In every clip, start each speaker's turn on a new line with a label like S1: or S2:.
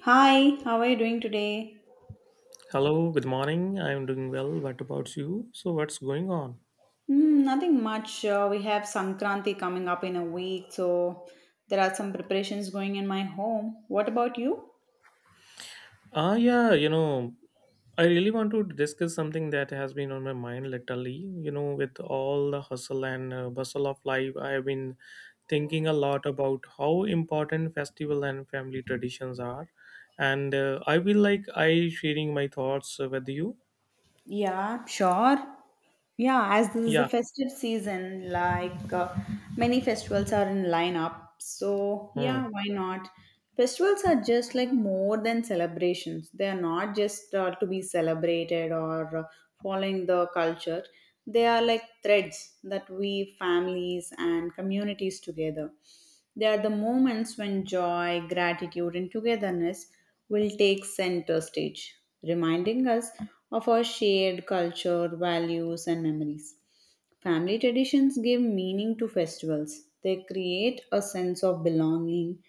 S1: Hi, how are you doing today?
S2: Hello, good morning. I'm doing well. What about you? So, what's going on?
S1: Hmm, nothing much. We have Sankranti coming up in a week, so there are some preparations going in my home. What about you?
S2: Ah, yeah, you know, I really want to discuss something that has been on my mind lately. You know, with all the hustle and bustle of life, I've been thinking a lot about how important festival and family traditions are, and I feel like I sharing my thoughts with you.
S1: Yeah, sure. Yeah, as this is the
S2: Yeah.
S1: festive season, many festivals are in lineup. So,
S2: Hmm.
S1: yeah, why not? Festivals are just like more than celebrations. They are not just to be celebrated or following the culture. They are like threads that weave families and communities together. They are the moments when joy, gratitude, and togetherness will take center stage, reminding us of our shared culture, values, and memories. Family traditions give meaning to festivals. They create a sense of belonging.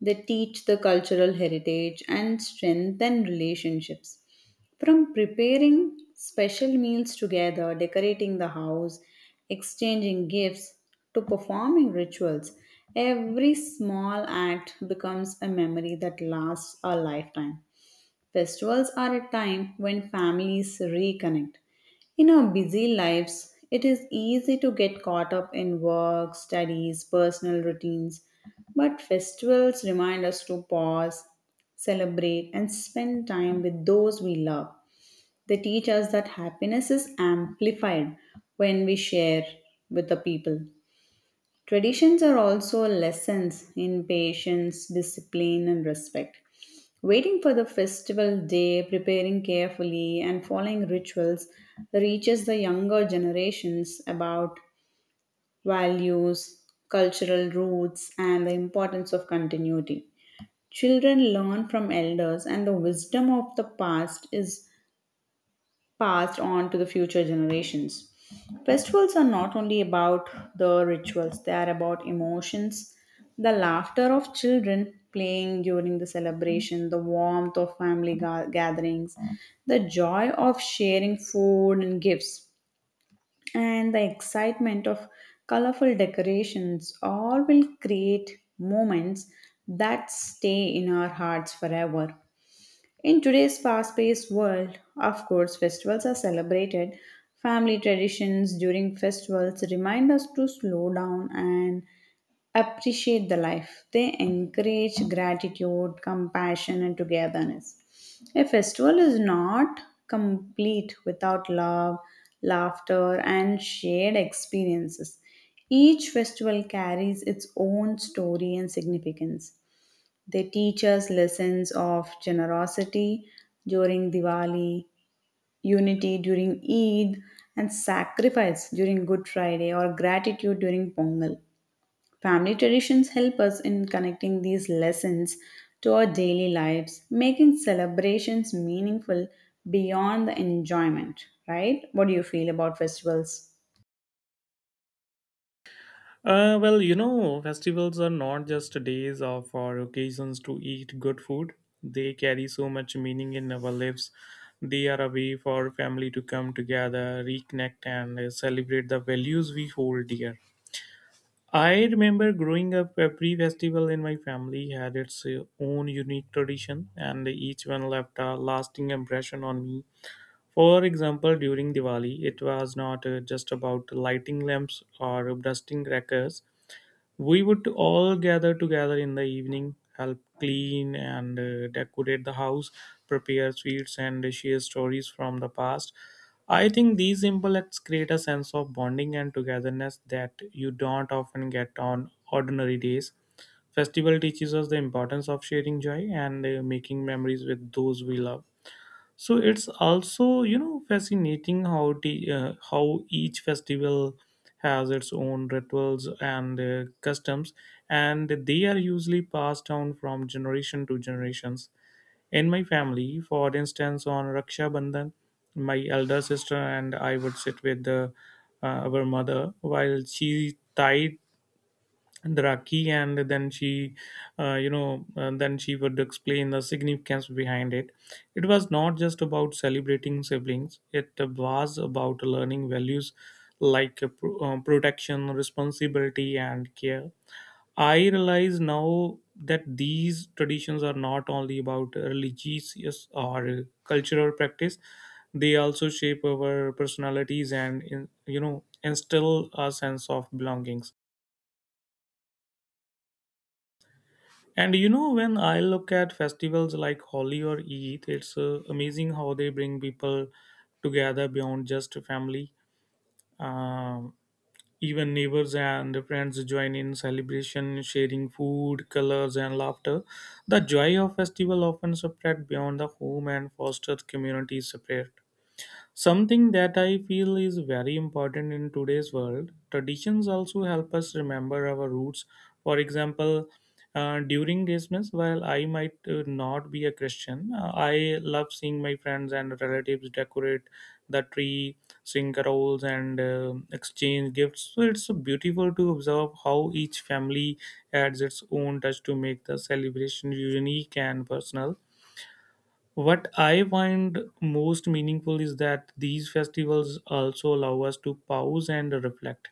S1: They teach the cultural heritage and strengthen relationships. From preparing special meals together, decorating the house, exchanging gifts, to performing rituals, every small act becomes a memory that lasts a lifetime. Festivals are a time when families reconnect. In our busy lives, it is easy to get caught up in work, studies, personal routines, but festivals remind us to pause, celebrate, and spend time with those we love. They teach us that happiness is amplified when we share with the people. Traditions are also lessons in patience, discipline, and respect. Waiting for the festival day, preparing carefully, and following rituals reaches the younger generations about values, cultural roots, and the importance of continuity. Children learn from elders, and the wisdom of the past is passed on to the future generations. Festivals are not only about the rituals, they are about emotions, the laughter of children playing during the celebration, the warmth of family gatherings, the joy of sharing food and gifts, and the excitement of colorful decorations all will create moments that stay in our hearts forever. In today's fast paced world, of course, festivals are celebrated. Family traditions during festivals remind us to slow down and appreciate the life. They encourage gratitude, compassion, and togetherness. A festival is not complete without love, laughter, and shared experiences. Each festival carries its own story and significance. They teach us lessons of generosity during Diwali, unity during Eid, and sacrifice during Good Friday or gratitude during Pongal. Family traditions help us in connecting these lessons to our daily lives, making celebrations meaningful beyond the enjoyment, right? What do you feel about festivals?
S2: Well, you know, festivals are not just days of or occasions to eat good food. They carry so much meaning in our lives. They are a way for family to come together, reconnect, and celebrate the values we hold dear. I remember growing up, every festival in my family had its own unique tradition, and each one left a lasting impression on me. For example, during Diwali, it was not just about lighting lamps or dusting crackers. We would all gather together in the evening, help clean and decorate the house, prepare sweets, and share stories from the past. I think these simple acts create a sense of bonding and togetherness that you don't often get on ordinary days. Festival teaches us the importance of sharing joy and making memories with those we love. So it's also, you know, fascinating how the how each festival has its own rituals and customs, and they are usually passed down from generation to generations. In my family, for instance, on Raksha Bandhan, my elder sister and I would sit with our mother while she tied and Rakhi, and then she would explain the significance behind it. It was not just about celebrating siblings; it was about learning values like protection, responsibility, and care. I realize now that these traditions are not only about religious or cultural practice; they also shape our personalities and, instill a sense of belongings. And you know, when I look at festivals like Holi or Eid, it's amazing how they bring people together beyond just family. Um, Even neighbors and friends join in celebration, sharing food, colors, and laughter. The joy of festival often spread beyond the home and fosters community spirit. Something that I feel is very important in today's world. Traditions also help us remember our roots. For example, during Christmas, while I might not be a Christian, I love seeing my friends and relatives decorate the tree, sing carols, and exchange gifts. So it's beautiful to observe how each family adds its own touch to make the celebration unique and personal. What I find most meaningful is that these festivals also allow us to pause and reflect.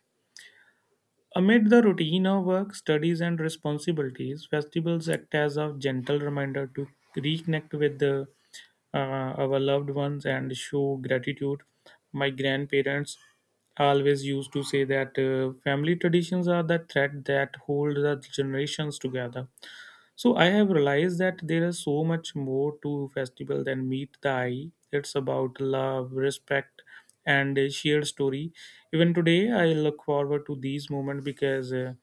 S2: Amid the routine of work, studies, and responsibilities, festivals act as a gentle reminder to reconnect with our loved ones and show gratitude. My grandparents always used to say that family traditions are the thread that hold the generations together. So I have realized that there is so much more to festival than meet the eye. It's about love, respect, and a shared story. Even today, I look forward to these moments because. Uh,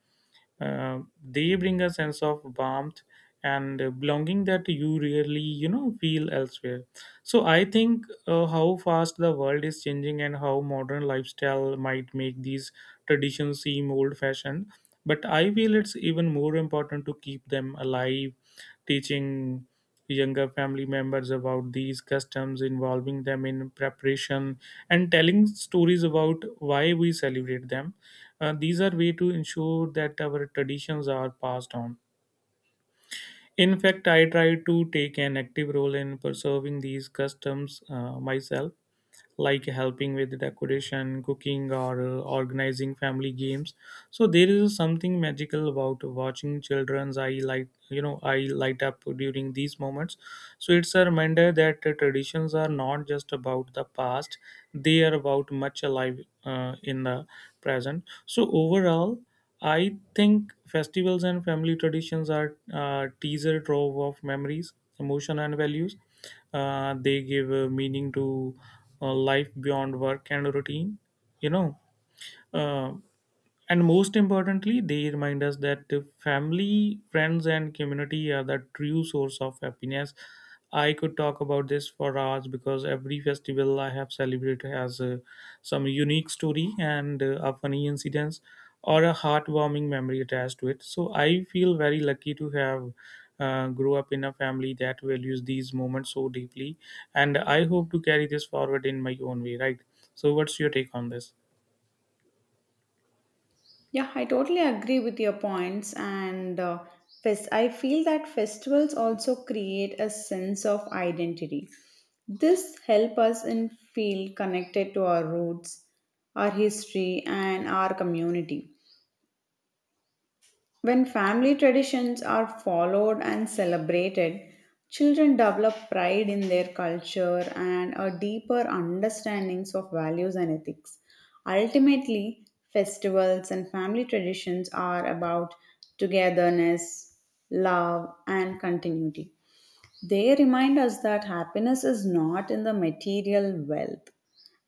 S2: uh, they bring a sense of warmth and belonging that you really, you know, feel elsewhere. So I think how fast the world is changing and how modern lifestyle might make these traditions seem old-fashioned. But I feel it's even more important to keep them alive, teaching younger family members about these customs, involving them in preparation, and telling stories about why we celebrate them. These are way to ensure that our traditions are passed on. In fact, I try to take an active role in preserving these customs myself, like helping with decoration, cooking, or organizing family games. So there is something magical about watching children's eye light, you know, eye light up during these moments. So it's a reminder that traditions are not just about the past; they are about much alive in the present. So overall, I think festivals and family traditions are teaser trove of memories, emotion, and values. They give meaning to life beyond work and routine, you know uh, and most importantly, they remind us that the family, friends, and community are the true source of happiness. I could talk about this for hours because every festival I have celebrated has some unique story and a funny incident, or a heartwarming memory attached to it. So I feel very lucky to have grow up in a family that values these moments so deeply, and I hope to carry this forward in my own way. Right. So, what's your take on this?
S1: Yeah, I totally agree with your points. I feel that festivals also create a sense of identity. This help us in feel connected to our roots, our history, and our community. When family traditions are followed and celebrated, children develop pride in their culture and a deeper understandings of values and ethics. Ultimately, festivals and family traditions are about togetherness, love, and continuity. They remind us that happiness is not in the material wealth,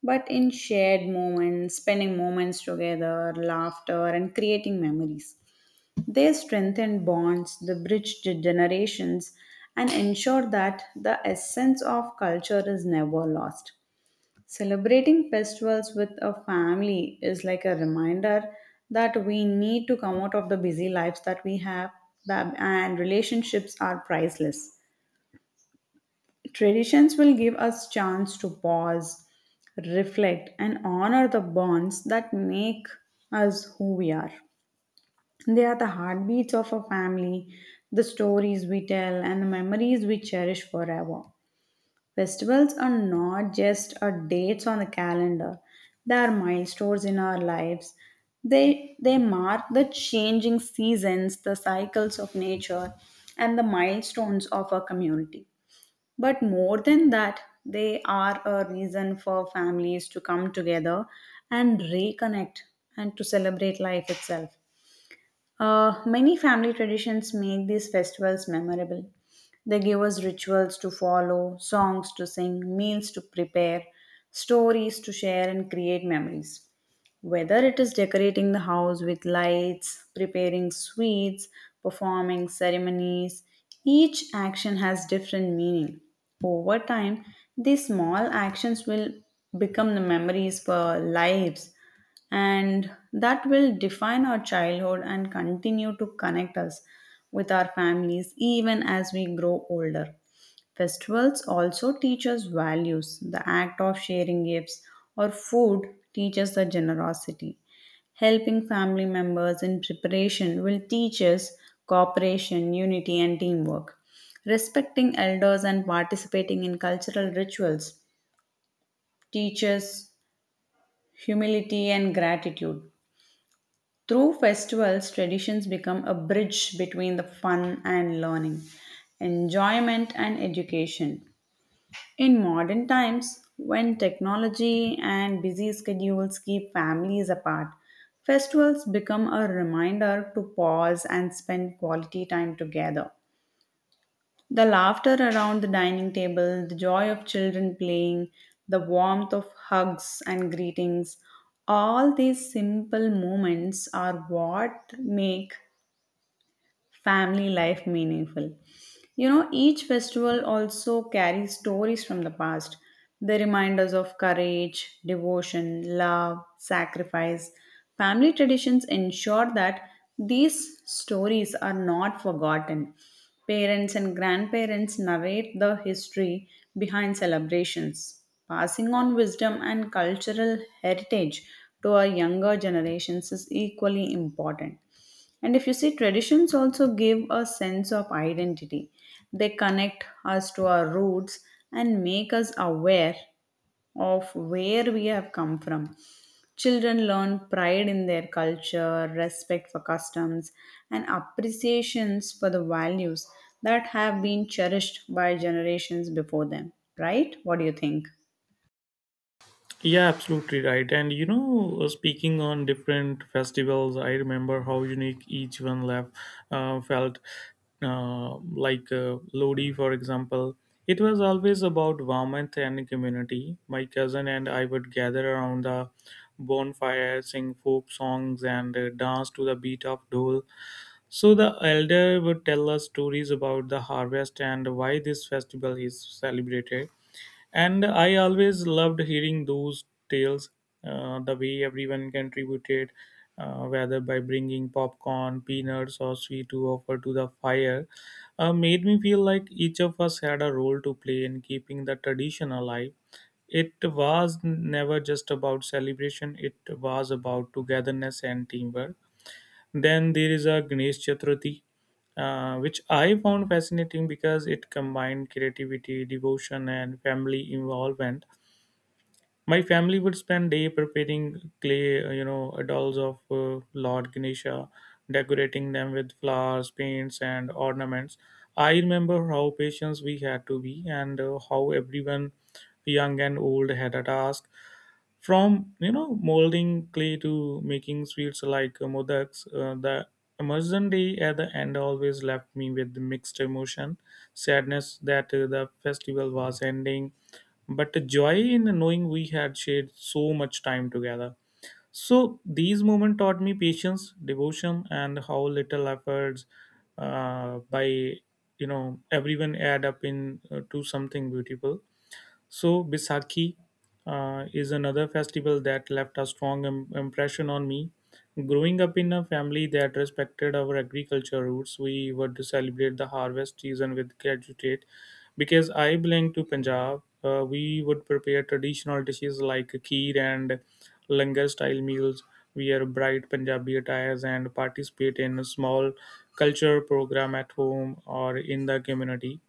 S1: but in shared moments, spending moments together, laughter, and creating memories. They strengthened bonds, the bridged generations, and ensured that the essence of culture is never lost. Celebrating festivals with a family is like a reminder that we need to come out of the busy lives that we have, and relationships are priceless. Traditions will give us chance to pause, reflect, and honor the bonds that make us who we are. They are the heartbeats of a family, the stories we tell, and the memories we cherish forever. Festivals are not just a dates on the calendar. They are milestones in our lives. They mark the changing seasons, the cycles of nature, and the milestones of our community. But more than that, they are a reason for families to come together and reconnect and to celebrate life itself. Many family traditions make these festivals memorable. They give us rituals to follow, songs to sing, meals to prepare, stories to share, and create memories. Whether it is decorating the house with lights, preparing sweets, performing ceremonies, each action has different meaning. Over time, these small actions will become the memories for lives and that will define our childhood and continue to connect us with our families even as we grow older. Festivals also teach us values. The act of sharing gifts or food teaches the generosity. Helping family members in preparation will teach us cooperation, unity, and teamwork. Respecting elders and participating in cultural rituals teaches humility and gratitude. Through festivals, traditions become a bridge between the fun and learning, enjoyment and education. In modern times, when technology and busy schedules keep families apart, festivals become a reminder to pause and spend quality time together. The laughter around the dining table, the joy of children playing, the warmth of hugs and greetings, all these simple moments are what make family life meaningful. You know, each festival also carries stories from the past, the reminders of courage, devotion, love, sacrifice. Family traditions ensure that these stories are not forgotten. Parents and grandparents narrate the history behind celebrations, passing on wisdom and cultural heritage to our younger generations is equally important. And if you see, traditions also give a sense of identity. They connect us to our roots and make us aware of where we have come from. Children learn pride in their culture, respect for customs, and appreciations for the values that have been cherished by generations before them. Right? What do you think?
S2: Yeah, absolutely right. And you know, speaking on different festivals, I remember how unique each one left felt. Lodi, for example, it was always about warmth and community. My cousin and I would gather around the bonfire, sing folk songs, and dance to the beat of dole. So the elder would tell us stories about the harvest and why this festival is celebrated. And I always loved hearing those tales, the way everyone contributed, whether by bringing popcorn, peanuts, or sweet to offer to the fire, made me feel like each of us had a role to play in keeping the tradition alive. It was never just about celebration, it was about togetherness and teamwork. Then there is a Ganesh Chaturthi, which I found fascinating because it combined creativity, devotion, and family involvement. My family would spend day preparing clay, dolls of Lord Ganesha, decorating them with flowers, paints, and ornaments. I remember how patient we had to be, and how everyone, young and old, had a task. From, you know, molding clay to making sweets like modaks, the immersion day at the end always left me with mixed emotion, sadness that the festival was ending, but the joy in knowing we had shared so much time together. So these moments taught me patience, devotion, and how little efforts by you know everyone add up in to something beautiful. So, Bisakhi is another festival that left a strong impression on me. Growing up in a family that respected our agriculture roots, we would celebrate the harvest season with gratitude. Because I belong to Punjab, we would prepare traditional dishes like kheer and langar style meals, wear bright Punjabi attires, and participate in a small culture program at home or in the community.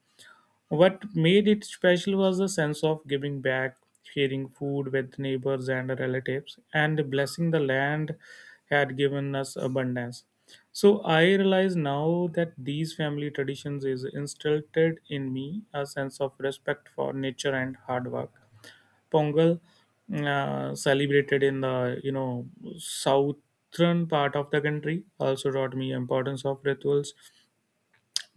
S2: What made it special was the sense of giving back, sharing food with neighbors and relatives, and blessing the land had given us abundance. So I realize now that these family traditions is instilled in me a sense of respect for nature and hard work. Pongal, celebrated in the, you know, southern part of the country, also taught me importance of rituals.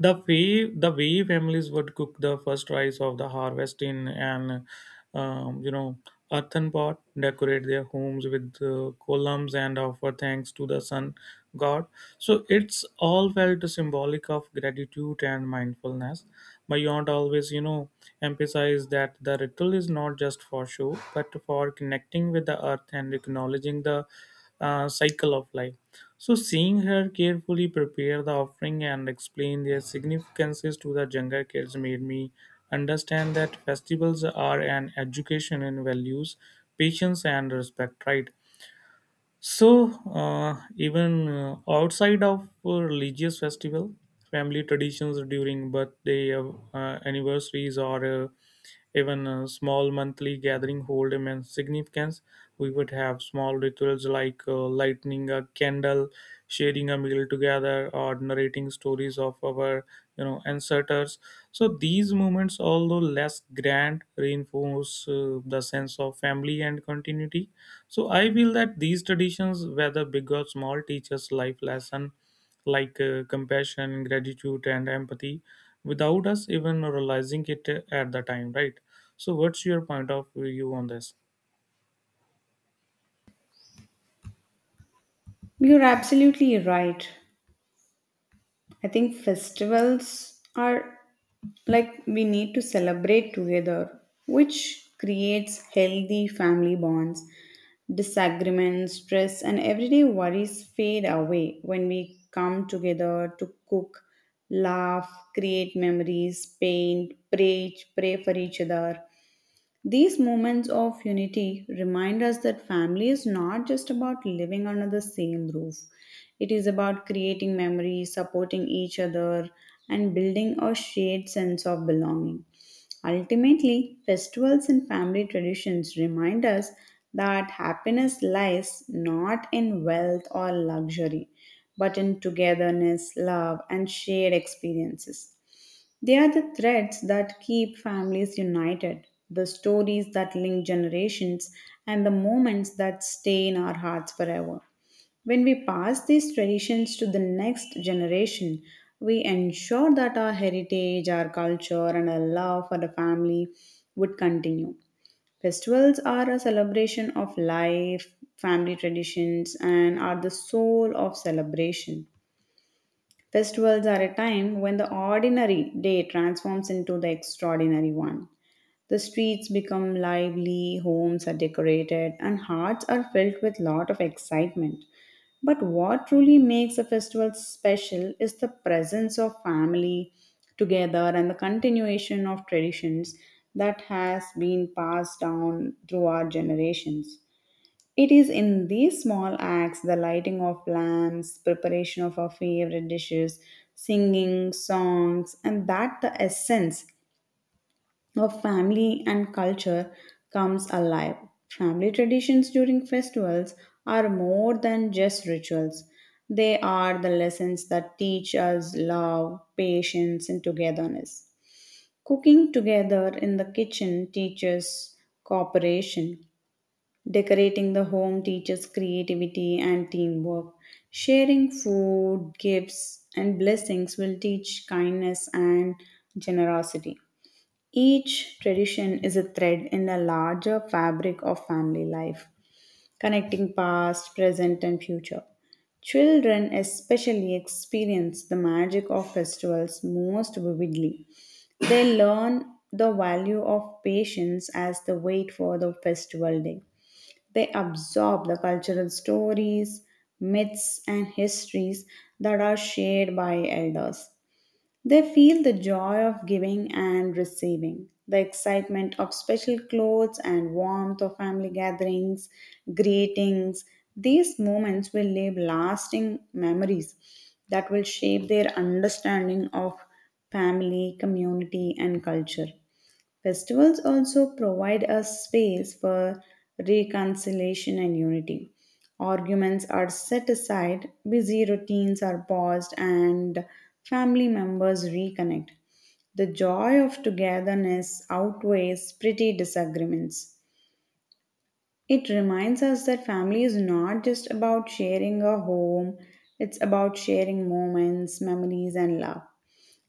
S2: The way families would cook the first rice of the harvest in an um, you know earthen pot, decorate their homes with columns, and offer thanks to the sun god. So it's all felt symbolic of gratitude and mindfulness. My aunt always, you know, emphasized that the ritual is not just for show but for connecting with the earth and acknowledging the cycle of life. So, seeing her carefully prepare the offering and explain their significances to the younger kids made me understand that festivals are an education in values, patience, and respect, right? So, even outside of religious festival, family traditions during birthday, anniversaries, or even a small monthly gathering hold immense significance. We would have small rituals like lighting a candle, sharing a meal together, or narrating stories of our, you know, ancestors. So these moments, although less grand, reinforce the sense of family and continuity. So I feel that these traditions, whether big or small, teach us life lesson like compassion, gratitude, and empathy, without us even realizing it at the time, right? So what's your point of view on this?
S1: You're absolutely right. I think festivals are like we need to celebrate together, which creates healthy family bonds. Disagreements, stress, and everyday worries fade away when we come together to cook, laugh, create memories, paint, pray, pray for each other. These moments of unity remind us that family is not just about living under the same roof. It is about creating memories, supporting each other, and building a shared sense of belonging. Ultimately, festivals and family traditions remind us that happiness lies not in wealth or luxury, but in togetherness, love, and shared experiences. They are the threads that keep families united, the stories that link generations, and the moments that stay in our hearts forever. When we pass these traditions to the next generation, we ensure that our heritage, our culture, and our love for the family would continue. Festivals are a celebration of life, family traditions, and are the soul of celebration. Festivals are a time when the ordinary day transforms into the extraordinary one. The streets become lively, homes are decorated, and hearts are filled with lot of excitement. But what truly makes a festival special is the presence of family together and the continuation of traditions that has been passed down through our generations. It is in these small acts the lighting of lamps, preparation of our favorite dishes, singing songs, and that the essence of family and culture comes alive. Family traditions during festivals are more than just rituals. They are the lessons that teach us love, patience, and togetherness. Cooking together in the kitchen teaches cooperation. Decorating the home teaches creativity and teamwork. Sharing food, gifts, and blessings will teach kindness and generosity. Each tradition is a thread in the larger fabric of family life, connecting past, present, and future. Children especially experience the magic of festivals most vividly. They learn the value of patience as they wait for the festival day. They absorb the cultural stories, myths, and histories that are shared by elders. They feel the joy of giving and receiving, the excitement of special clothes and warmth of family gatherings, greetings. These moments will leave lasting memories that will shape their understanding of family, community, and culture. Festivals also provide a space for reconciliation and unity. Arguments are set aside, busy routines are paused, and family members reconnect. The joy of togetherness outweighs petty disagreements. It reminds us that family is not just about sharing a home, it's about sharing moments, memories, and love.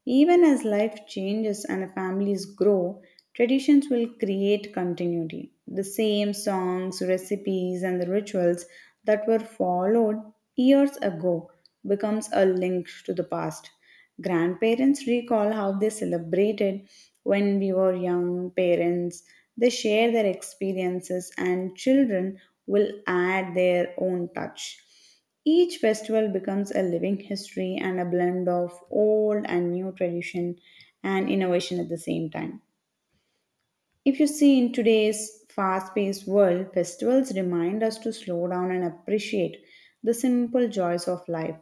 S1: Even as life changes and families grow, traditions will create continuity. The same songs, recipes, and the rituals that were followed years ago becomes a link to the past. Grandparents recall how they celebrated when we were young parents. They share their experiences and children will add their own touch. Each festival becomes a living history and a blend of old and new tradition and innovation at the same time. If you see in today's fast paced world, festivals remind us to slow down and appreciate the simple joys of life.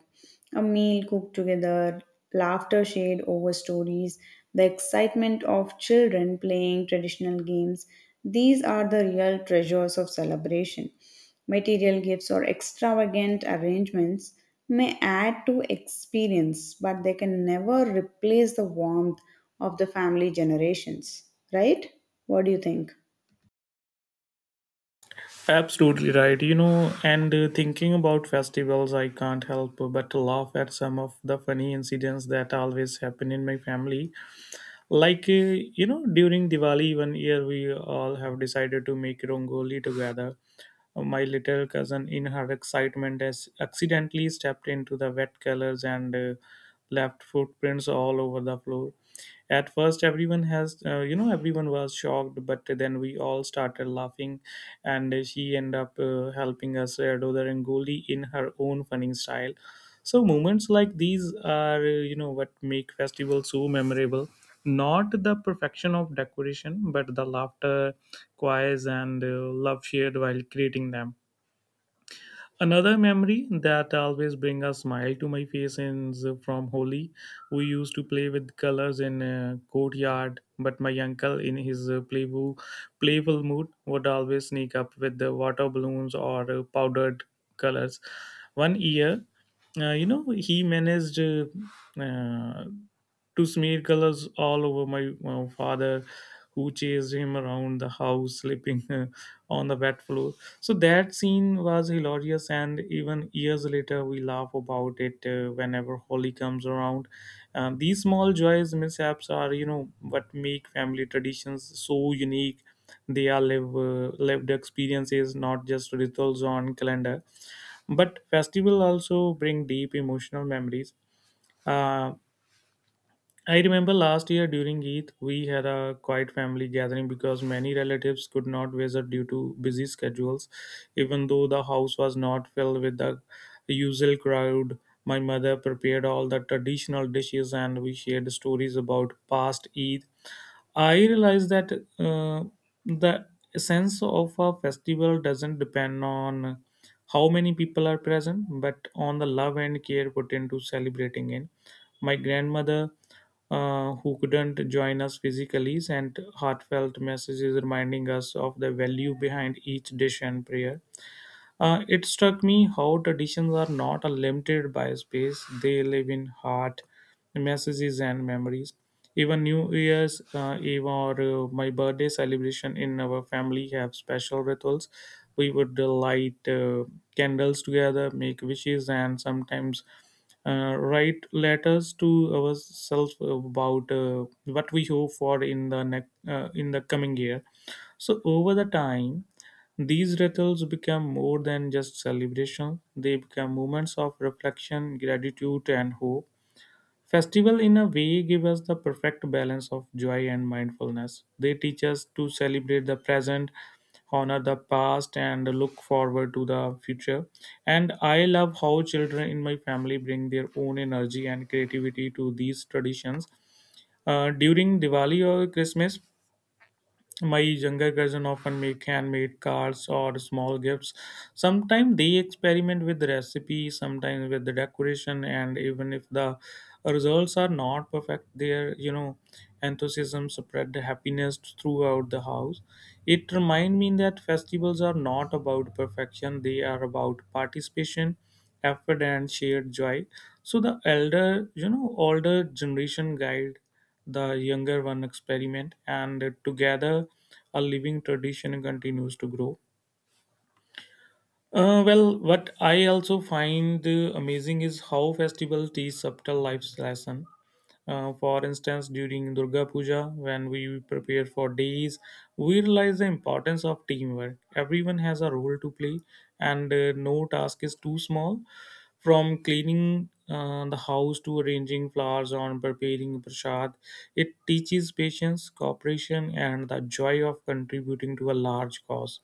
S1: A meal cooked together, laughter shared over stories, the excitement of children playing traditional games. These are the real treasures of celebration. Material gifts or extravagant arrangements may add to experience, but they can never replace the warmth of the family generations, right? What do you think?
S2: Absolutely right. You know, and thinking about festivals, I can't help but laugh at some of the funny incidents that always happen in my family. Like during Diwali one year we all have decided to make rongoli together. My little cousin in her excitement has accidentally stepped into the wet colors and left footprints all over the floor. At first everyone has you know everyone was shocked, but then we all started laughing, and she ended up helping us do the rangoli in her own funny style. So moments like these are what make festivals so memorable, not the perfection of decoration but the laughter, choirs, and love shared while creating them. Another memory that always brings a smile to my face is from Holi. We used to play with colors in a courtyard, but my uncle, in his playful mood, would always sneak up with the water balloons or powdered colors. One year, he managed uh, to smear colors all over my father, who chased him around the house, slipping on the wet floor. So that scene was hilarious, and even years later, we laugh about it whenever Holi comes around. These small joys, mishaps, are what make family traditions so unique. They are lived experiences, not just rituals on calendar. But festival also bring deep emotional memories. Uh, I remember last year during Eid, we had a quiet family gathering because many relatives could not visit due to busy schedules. Even though the house was not filled with the usual crowd, my mother prepared all the traditional dishes and we shared stories about past Eid. I realize that uh, the sense of a festival doesn't depend on how many people are present, but on the love and care put into celebrating it. My grandmother, who couldn't join us physically, sent heartfelt messages reminding us of the value behind each dish and prayer. It struck me how traditions are not limited by space, they live in heart, messages, and memories. Even New Year's Eve or my birthday celebration in our family have special rituals. We would light candles together, make wishes, and sometimes write letters to ourselves about what we hope for in the next in the coming year. So over the time, these rituals become more than just celebrations, they become moments of reflection, gratitude, and hope. Festival, in a way, give us the perfect balance of joy and mindfulness. They teach us to celebrate the present, honor the past, and look forward to the future. And I love how children in my family bring their own energy and creativity to these traditions. During Diwali or Christmas, my younger cousin often make handmade cards or small gifts. Sometimes they experiment with the recipe, sometimes with the decoration, and even if the results are not perfect, their enthusiasm spread the happiness throughout the house. It reminds me that festivals are not about perfection; they are about participation, effort, and shared joy. So the older generation guide the younger one experiment, and together a living tradition continues to grow. Well, what I also find amazing is how festival teach subtle life's lesson. For instance, during Durga Puja, when we prepare for days, we realize the importance of teamwork. Everyone has a role to play, and no task is too small. From cleaning the house to arranging flowers or preparing prasad, it teaches patience, cooperation, and the joy of contributing to a large cause.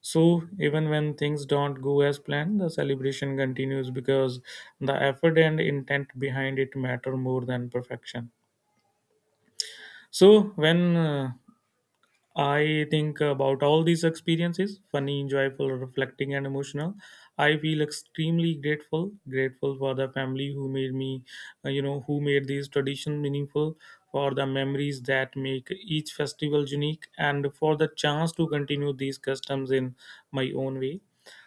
S2: So, even when things don't go as planned, the celebration continues because the effort and intent behind it matter more than perfection. So, when I think about all these experiences funny, joyful, reflecting, and emotional. I feel extremely grateful, grateful for the family who made me, who made these tradition meaningful, for the memories that make each festival unique, and for the chance to continue these customs in my own way.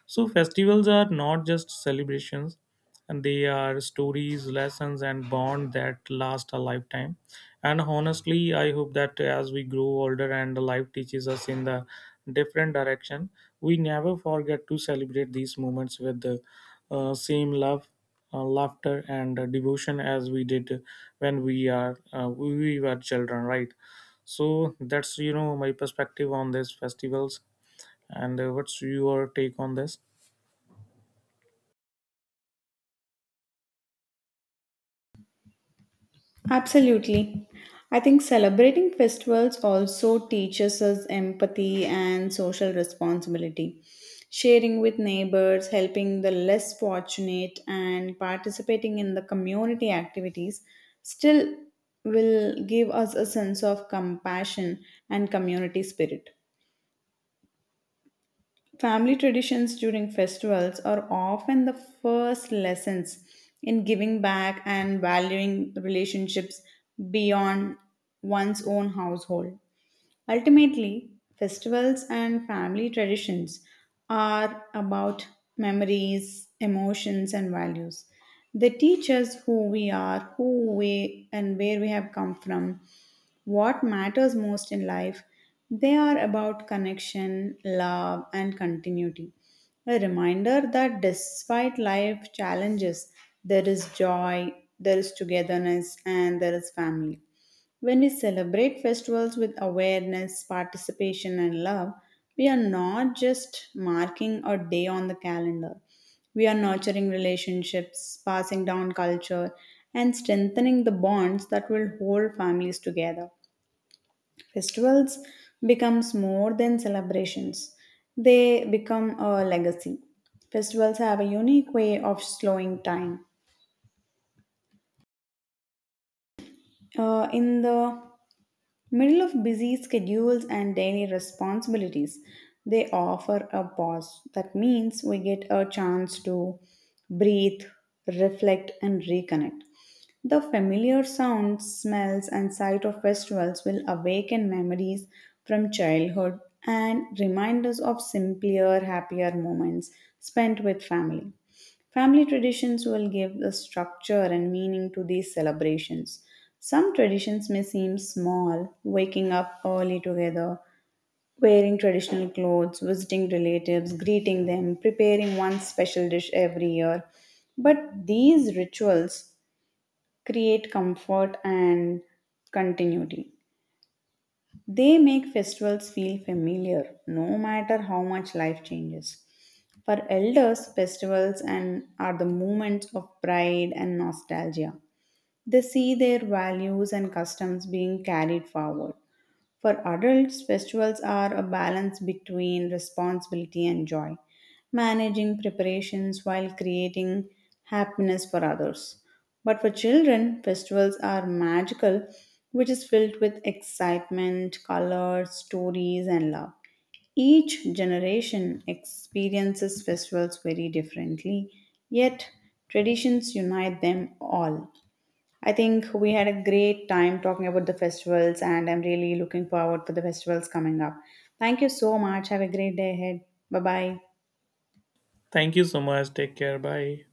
S2: So, festivals are not just celebrations, and they are stories, lessons, and bond that last a lifetime. And honestly, I hope that as we grow older and life teaches us in the different direction, we never forget to celebrate these moments with the same love, laughter, and devotion as we did when we were children, right? So that's my perspective on these festivals. And what's your take on this?
S1: Absolutely. I think celebrating festivals also teaches us empathy and social responsibility. Sharing with neighbors, helping the less fortunate, and participating in the community activities still will give us a sense of compassion and community spirit. Family traditions during festivals are often the first lessons in giving back and valuing relationships beyond one's own household. Ultimately, festivals and family traditions are about memories, emotions, and values. They teach us who we are, who we and where we have come from, what matters most in life, they are about connection, love, and continuity. A reminder that despite life challenges, there is joy, there is togetherness, and there is family. When we celebrate festivals with awareness, participation, and love, we are not just marking a day on the calendar. We are nurturing relationships, passing down culture, and strengthening the bonds that will hold families together. Festivals becomes more than celebrations. They become a legacy. Festivals have a unique way of slowing time. In the middle of busy schedules and daily responsibilities, they offer a pause. That means we get a chance to breathe, reflect, and reconnect. The familiar sounds, smells, and sight of festivals will awaken memories from childhood and remind us of simpler, happier moments spent with family. Family traditions will give the structure and meaning to these celebrations. Some traditions may seem small, waking up early together, wearing traditional clothes, visiting relatives, greeting them, preparing one special dish every year. But these rituals create comfort and continuity. They make festivals feel familiar no matter how much life changes. For elders, festivals and are the moments of pride and nostalgia. They see their values and customs being carried forward. For adults, festivals are a balance between responsibility and joy, managing preparations while creating happiness for others. But for children, festivals are magical, which is filled with excitement, color, stories, and love. Each generation experiences festivals very differently, yet traditions unite them all. I think we had a great time talking about the festivals, and I'm really looking forward for the festivals coming up. Thank you so much. Have a great day ahead. Bye bye.
S2: Thank you so much, take care, bye.